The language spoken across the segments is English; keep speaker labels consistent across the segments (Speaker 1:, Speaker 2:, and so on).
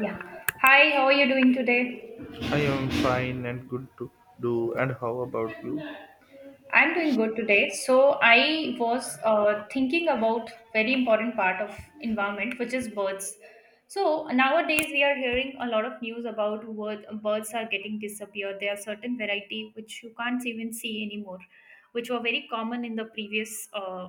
Speaker 1: Yeah. Hi, how are you doing today?
Speaker 2: I am fine and good to do. And how about you?
Speaker 1: I'm doing good today. So I was thinking about very important part of environment, which is birds. So nowadays we are hearing a lot of news about word, birds are getting disappeared. There are certain variety which you can't even see anymore, which were very common in the previous uh,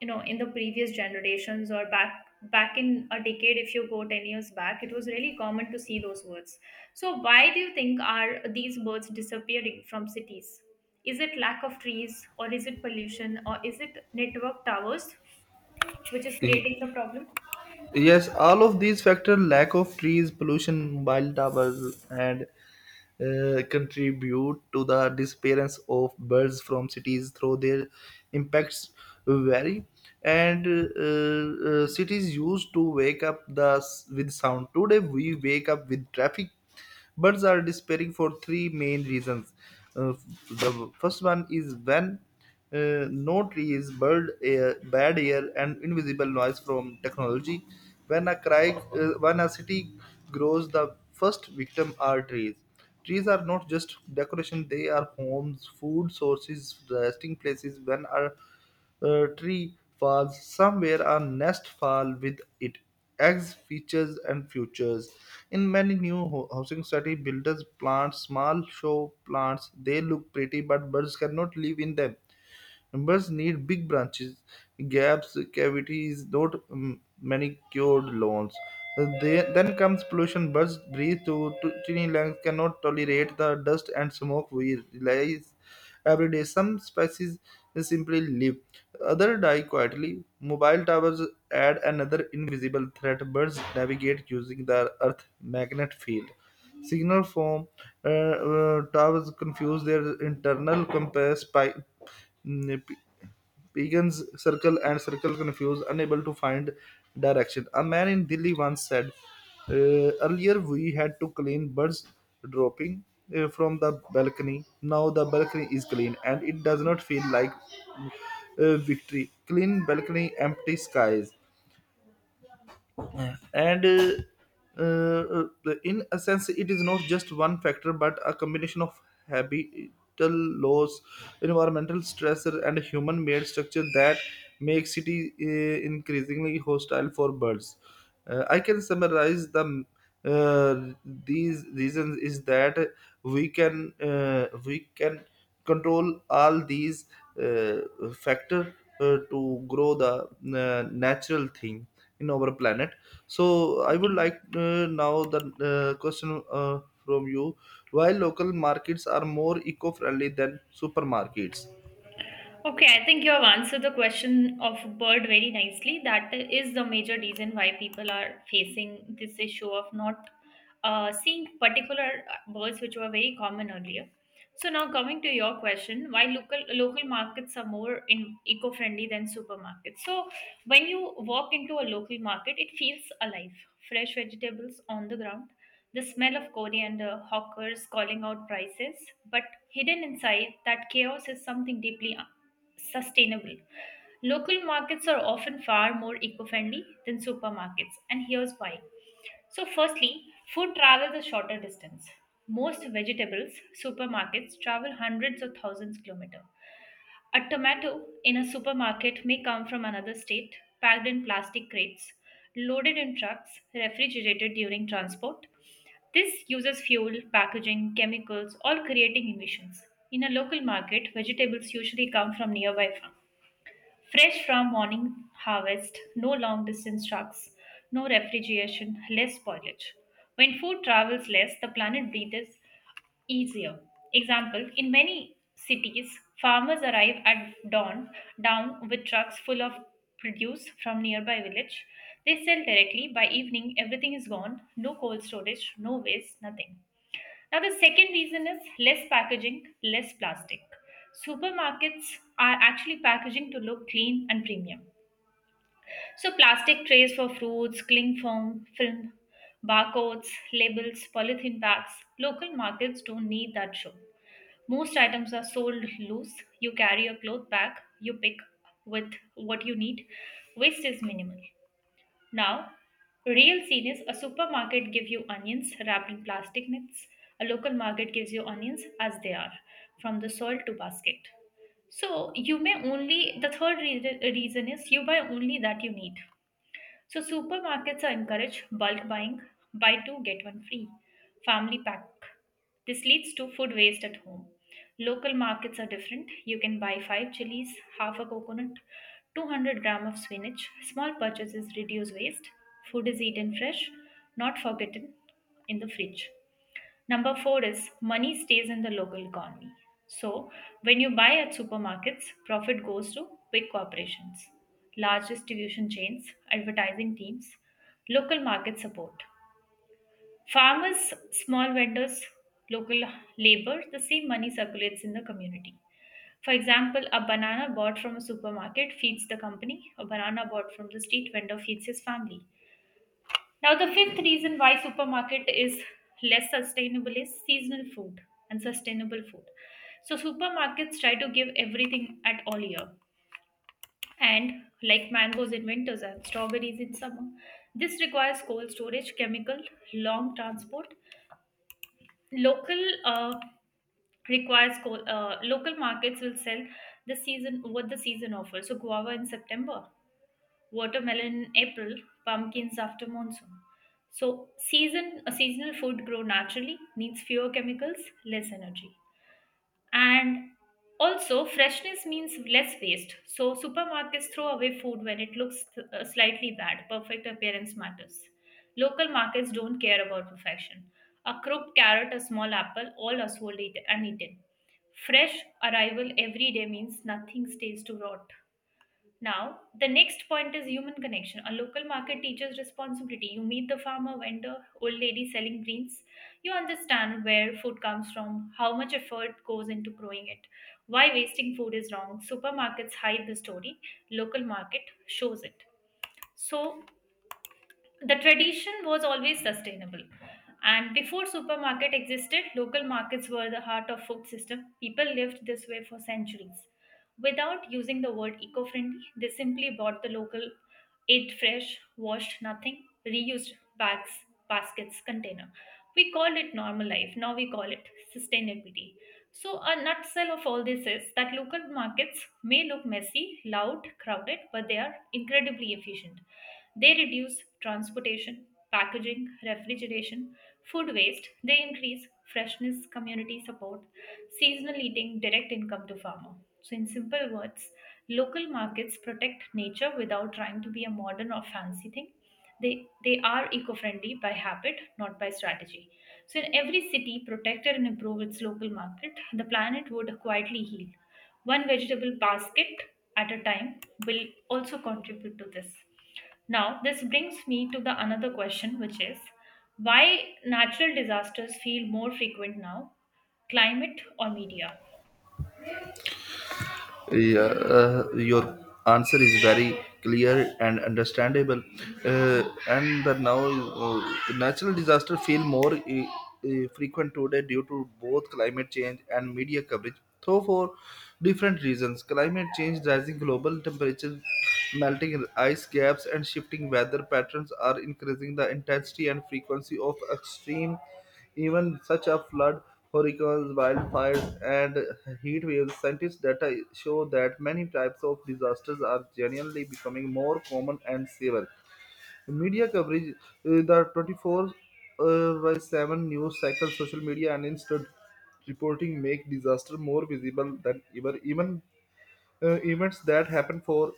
Speaker 1: you know in the previous generations or back in a decade. If you go 10 years back, it was really common to see those words. So why do you think are these birds disappearing from cities? Is it lack of trees, or is it pollution, or is it network towers which is
Speaker 2: Y-
Speaker 1: creating the problem?
Speaker 2: Yes, all of these factors lack of trees, pollution, mobile towers, and contribute to the disappearance of birds from cities through their impacts vary and cities used to wake up the with sound, today we wake up with traffic. Birds are disappearing for three main reasons. Uh, the first one is when no trees, bird air, bad air, and invisible noise from technology. When a cry uh, when a city grows, the first victim are trees. Trees are not just decoration, they are homes, food sources, resting places. When a tree falls, somewhere a nest fall with it. Eggs, features, and futures. In many new housing study, builders plant small show plants. They look pretty, but birds cannot live in them. Members need big branches, gaps, cavities, not manicured lawns. Then comes pollution. Birds breathe to tiny lungs, cannot tolerate the dust and smoke we release every day. Some species simply live, other die quietly. Mobile towers add another invisible threat. Birds navigate using the Earth magnet field. Signal from towers confuse their internal compass Mm, p- Pagans circle and circle confused, unable to find direction. A man in Delhi once said, Earlier we had to clean birds dropping from the balcony. Now the balcony is clean and it does not feel like victory. Clean balcony, empty skies and in a sense it is not just one factor but a combination of habital laws, environmental stressor, and human made structure that make city increasingly hostile for birds. I can summarize the uh, these reasons is that we can we can control all these uh, factor to grow the natural thing in our planet. So I would
Speaker 1: Okay.
Speaker 2: like now the question from you: why local markets are more eco-friendly than supermarkets.
Speaker 1: Okay, I think you have answered the question of bird very nicely. That is the major reason why people are facing this issue of not seeing particular birds which were very common earlier. So now coming to your question, why local markets are more in eco-friendly than supermarkets. So when you walk into a local market, it feels alive. Fresh vegetables on the ground, the smell of coriander, hawkers calling out prices, but hidden inside that chaos is something deeply sustainable. Local markets are often far more eco friendly than supermarkets, and here's why. So, firstly, food travels a shorter distance. Most vegetables supermarkets travel hundreds or thousands kilometers. A tomato in a supermarket may come from another state, packed in plastic crates, loaded in trucks, refrigerated during transport. This uses fuel, packaging, chemicals, all creating emissions. In a local market, vegetables usually come from nearby farms. Fresh from morning harvest, no long distance trucks, no refrigeration, less spoilage. When food travels less, the planet breathes easier. Example. In many cities, farmers arrive at dawn down with trucks full of produce from nearby village. They sell directly. By evening, everything is gone. No cold storage, no waste, nothing. Now, the second reason is less packaging, less plastic. Supermarkets are actually packaging to look clean and premium. So, plastic trays for fruits, cling film, film, barcodes, labels, polythene bags. Local markets don't need that show. Most items are sold loose. You carry a cloth bag, you pick with what you need. Waste is minimal. Now, real scene is a supermarket gives you onions wrapped in plastic nets. A local market gives you onions as they are, from the soil to basket. So you may only the third reason, reason is you buy only that you need. So supermarkets are encouraged bulk buying, buy two get one free, family pack. This leads to food waste at home. Local markets are different. You can buy 5 chilies, half a coconut, 200 gram of spinach. Small purchases reduce waste. Food is eaten fresh, not forgotten in the fridge. Number four is money stays in the local economy. So, when you buy at supermarkets, profit goes to big corporations, large distribution chains, advertising teams, local market support. Farmers, small vendors, local labor, the same money circulates in the community. For example, a banana bought from a supermarket feeds the company, a banana bought from the street vendor feeds his family. Now, the fifth reason why supermarket is less sustainable is seasonal food and sustainable food. So supermarkets try to give everything at all year, and like mangoes in winters and strawberries in summer. This requires cold storage, chemical, long transport. Local uh, local markets will sell the season what the season offers. So guava in September, watermelon in April, pumpkins after monsoon. So season a seasonal food grow naturally, needs fewer chemicals, less energy. And also freshness means less waste. So supermarkets throw away food when it looks slightly bad. Perfect appearance matters. Local markets don't care about perfection. A crooked carrot, a small apple, all are sold and eaten. Fresh arrival every day means nothing stays to rot. Now, the next point is human connection. A local market teaches responsibility. You meet the farmer, vendor, old lady selling greens. You understand where food comes from, how much effort goes into growing it, why wasting food is wrong. Supermarkets hide the story, local market shows it. So, the tradition was always sustainable, and before supermarket existed, local markets were the heart of food system. People lived this way for centuries without using the word eco-friendly. They simply bought the local, ate fresh, washed nothing, reused bags, baskets, container. We called it normal life. Now we call it sustainability. So, a nutshell of all this is that local markets may look messy, loud, crowded, but they are incredibly efficient. They reduce transportation, packaging, refrigeration, food waste, they increase freshness, community support, seasonal eating, direct income to farmer. So, in simple words, local markets protect nature without trying to be a modern or fancy thing. They are eco friendly by habit, not by strategy. So, in every city, protected and improve its local market, the planet would quietly heal. One vegetable basket at a time will also contribute to this. Now, this brings me to the another question, which is why natural disasters feel more frequent now, climate or media?
Speaker 2: Yeah, your answer is very clear and understandable. Uh, and the now natural disaster feel more frequent today due to both climate change and media coverage. Though for different reasons, climate change, rising global temperatures, melting ice caps, and shifting weather patterns are increasing the intensity and frequency of extreme even such a flood, hurricanes, wildfires, and heat waves. Scientists' data show that many types of disasters are genuinely becoming more common and severe. Media coverage, the 24 by 7 news cycle, social media, and instant reporting make disaster more visible than ever. Even events that happen for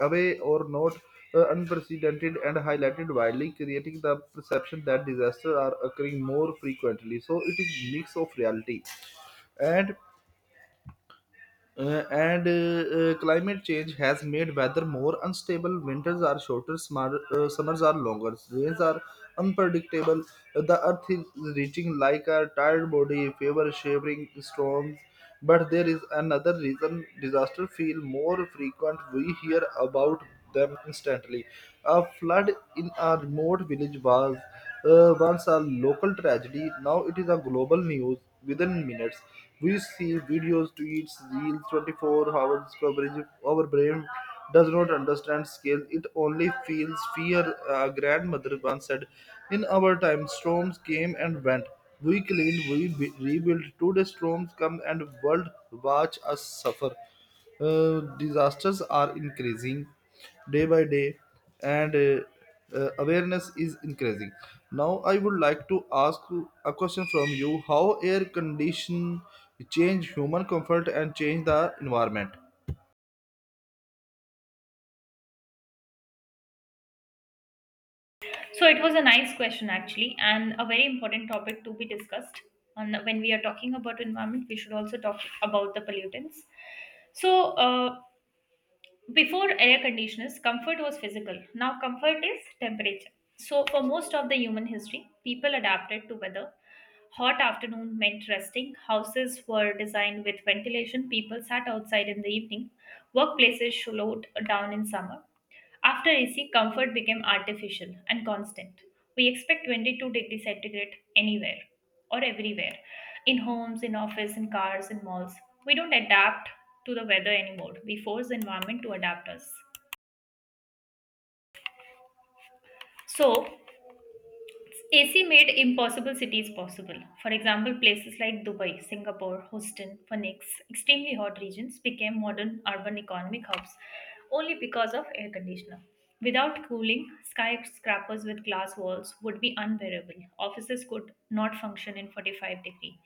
Speaker 2: away or not unprecedented and highlighted widely, creating the perception that disasters are occurring more frequently. So it is mix of reality and climate change has made weather more unstable. Winters are shorter, smar summers are longer, rains are unpredictable. The earth is reaching like a tired body, favor shivering storms. But there is another reason disaster feel more frequent. We hear about them instantly. A flood in a remote village was once a local tragedy. Now it is a global news within minutes. We see videos, tweets, reels, 24 hours coverage. Our brain does not understand scale. It only feels fear. A grandmother once said, "In our time, storms came and went. We cleaned, we rebuilt. Today, storms come and world watch us suffer." Uh, Disasters are increasing day by day, and awareness is increasing. Now, I would like to ask a question from you: how air condition change human comfort and change the environment?
Speaker 1: So, it was a nice question actually, and a very important topic to be discussed. And when we are talking about environment, we should also talk about the pollutants. So, before air conditioners, comfort was physical. Now, comfort is temperature. So, for most of the human history, people adapted to weather. Hot afternoon meant resting. Houses were designed with ventilation. People sat outside in the evening. Workplaces slowed down in summer. After AC, comfort became artificial and constant. We expect 22 degrees centigrade anywhere or everywhere, in homes, in office, in cars, in malls. We don't adapt to the weather anymore. We force the environment to adapt us. So, AC made impossible cities possible. For example, places like Dubai, Singapore, Houston, Phoenix, extremely hot regions became modern urban economic hubs only because of air conditioner. Without cooling, skyscrapers with glass walls would be unbearable. Offices could not function in 45 degree.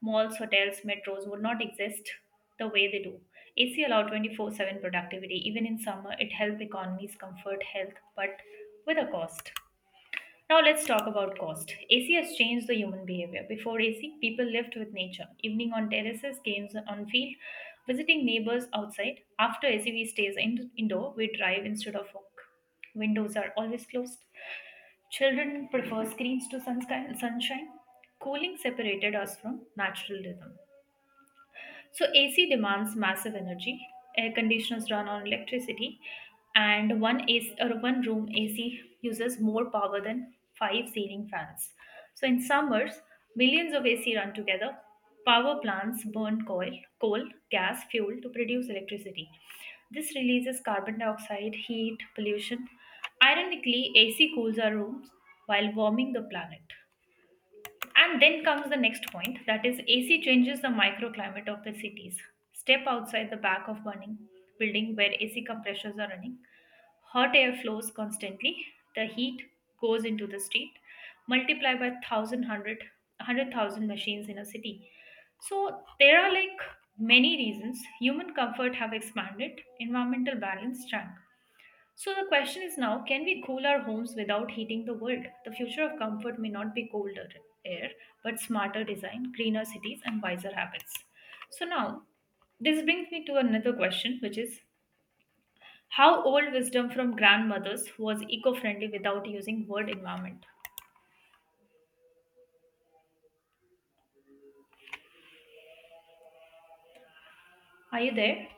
Speaker 1: Malls, hotels, metros would not exist the way they do. AC allowed 24/7 productivity. Even in summer, it helped economies comfort health, but with a cost. Now let's talk about cost. AC has changed the human behavior. Before AC, people lived with nature, evening on terraces, games on field, visiting neighbors outside. After AC, we stays in, indoor. We drive instead of walk. Windows are always closed. Children prefer screens to sunshine. Cooling separated us from natural rhythm. So, AC demands massive energy. Air conditioners run on electricity, and one AC or one room AC uses more power than five ceiling fans. So, in summers, millions of AC run together. Power plants burn coal, gas, fuel to produce electricity. This releases carbon dioxide, heat, pollution. Ironically, AC cools our rooms while warming the planet. And then comes the next point that is, AC changes the microclimate of the cities. Step outside the back of burning building where AC compressors are running. Hot air flows constantly. The heat goes into the street, multiplied by thousand hundred hundred thousand machines in a city. So there are like many reasons human comfort have expanded, environmental balance shrank. So the question is now, can we cool our homes without heating the world? The future of comfort may not be colder air, but smarter design, greener cities, and wiser habits. So now, this brings me to another question, which is how old wisdom from grandmothers was eco friendly without using word environment? Are you there?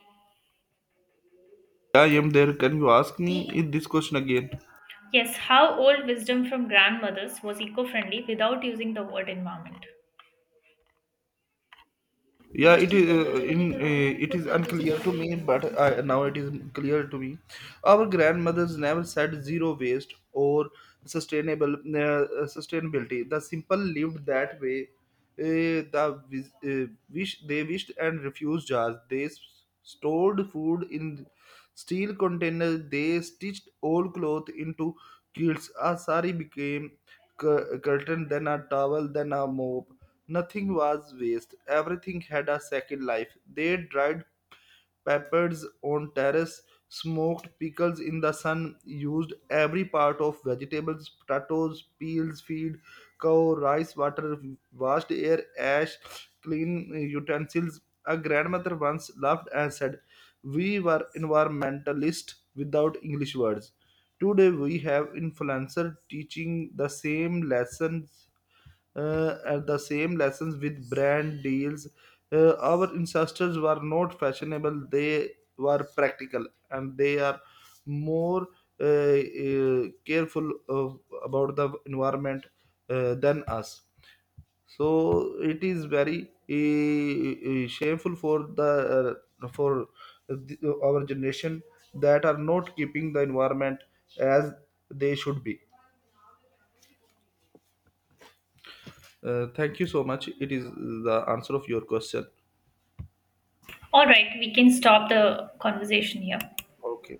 Speaker 2: Yeah, I am there. Can you ask me this question again?
Speaker 1: Yes, how old wisdom from grandmothers was eco friendly without using the word environment?
Speaker 2: Yeah, it is in it is unclear to me, but now it is clear to me. Our grandmothers never said zero waste or sustainable sustainability. The simple lived that way. They wished and refused jars. They stored food in steel containers. They stitched old cloth into quilts. A sari became curtain, then a towel, then a mop. Nothing was waste. Everything had a second life. They dried peppers on terrace, smoked pickles in the sun, used every part of vegetables, potatoes, peels, feed, cow, rice, water, washed air, ash, clean utensils. A grandmother once laughed and said, "We were environmentalists without English words. Today we have influencers teaching the same lessons at the same lessons with brand deals. Our ancestors were not fashionable, they were practical, and they are more careful of, about the environment than us. So it is very shameful for the, our generation that are not keeping the environment as they should be. Thank you so much. It is the answer of your question.
Speaker 1: All right, we can stop the conversation here.
Speaker 2: Okay.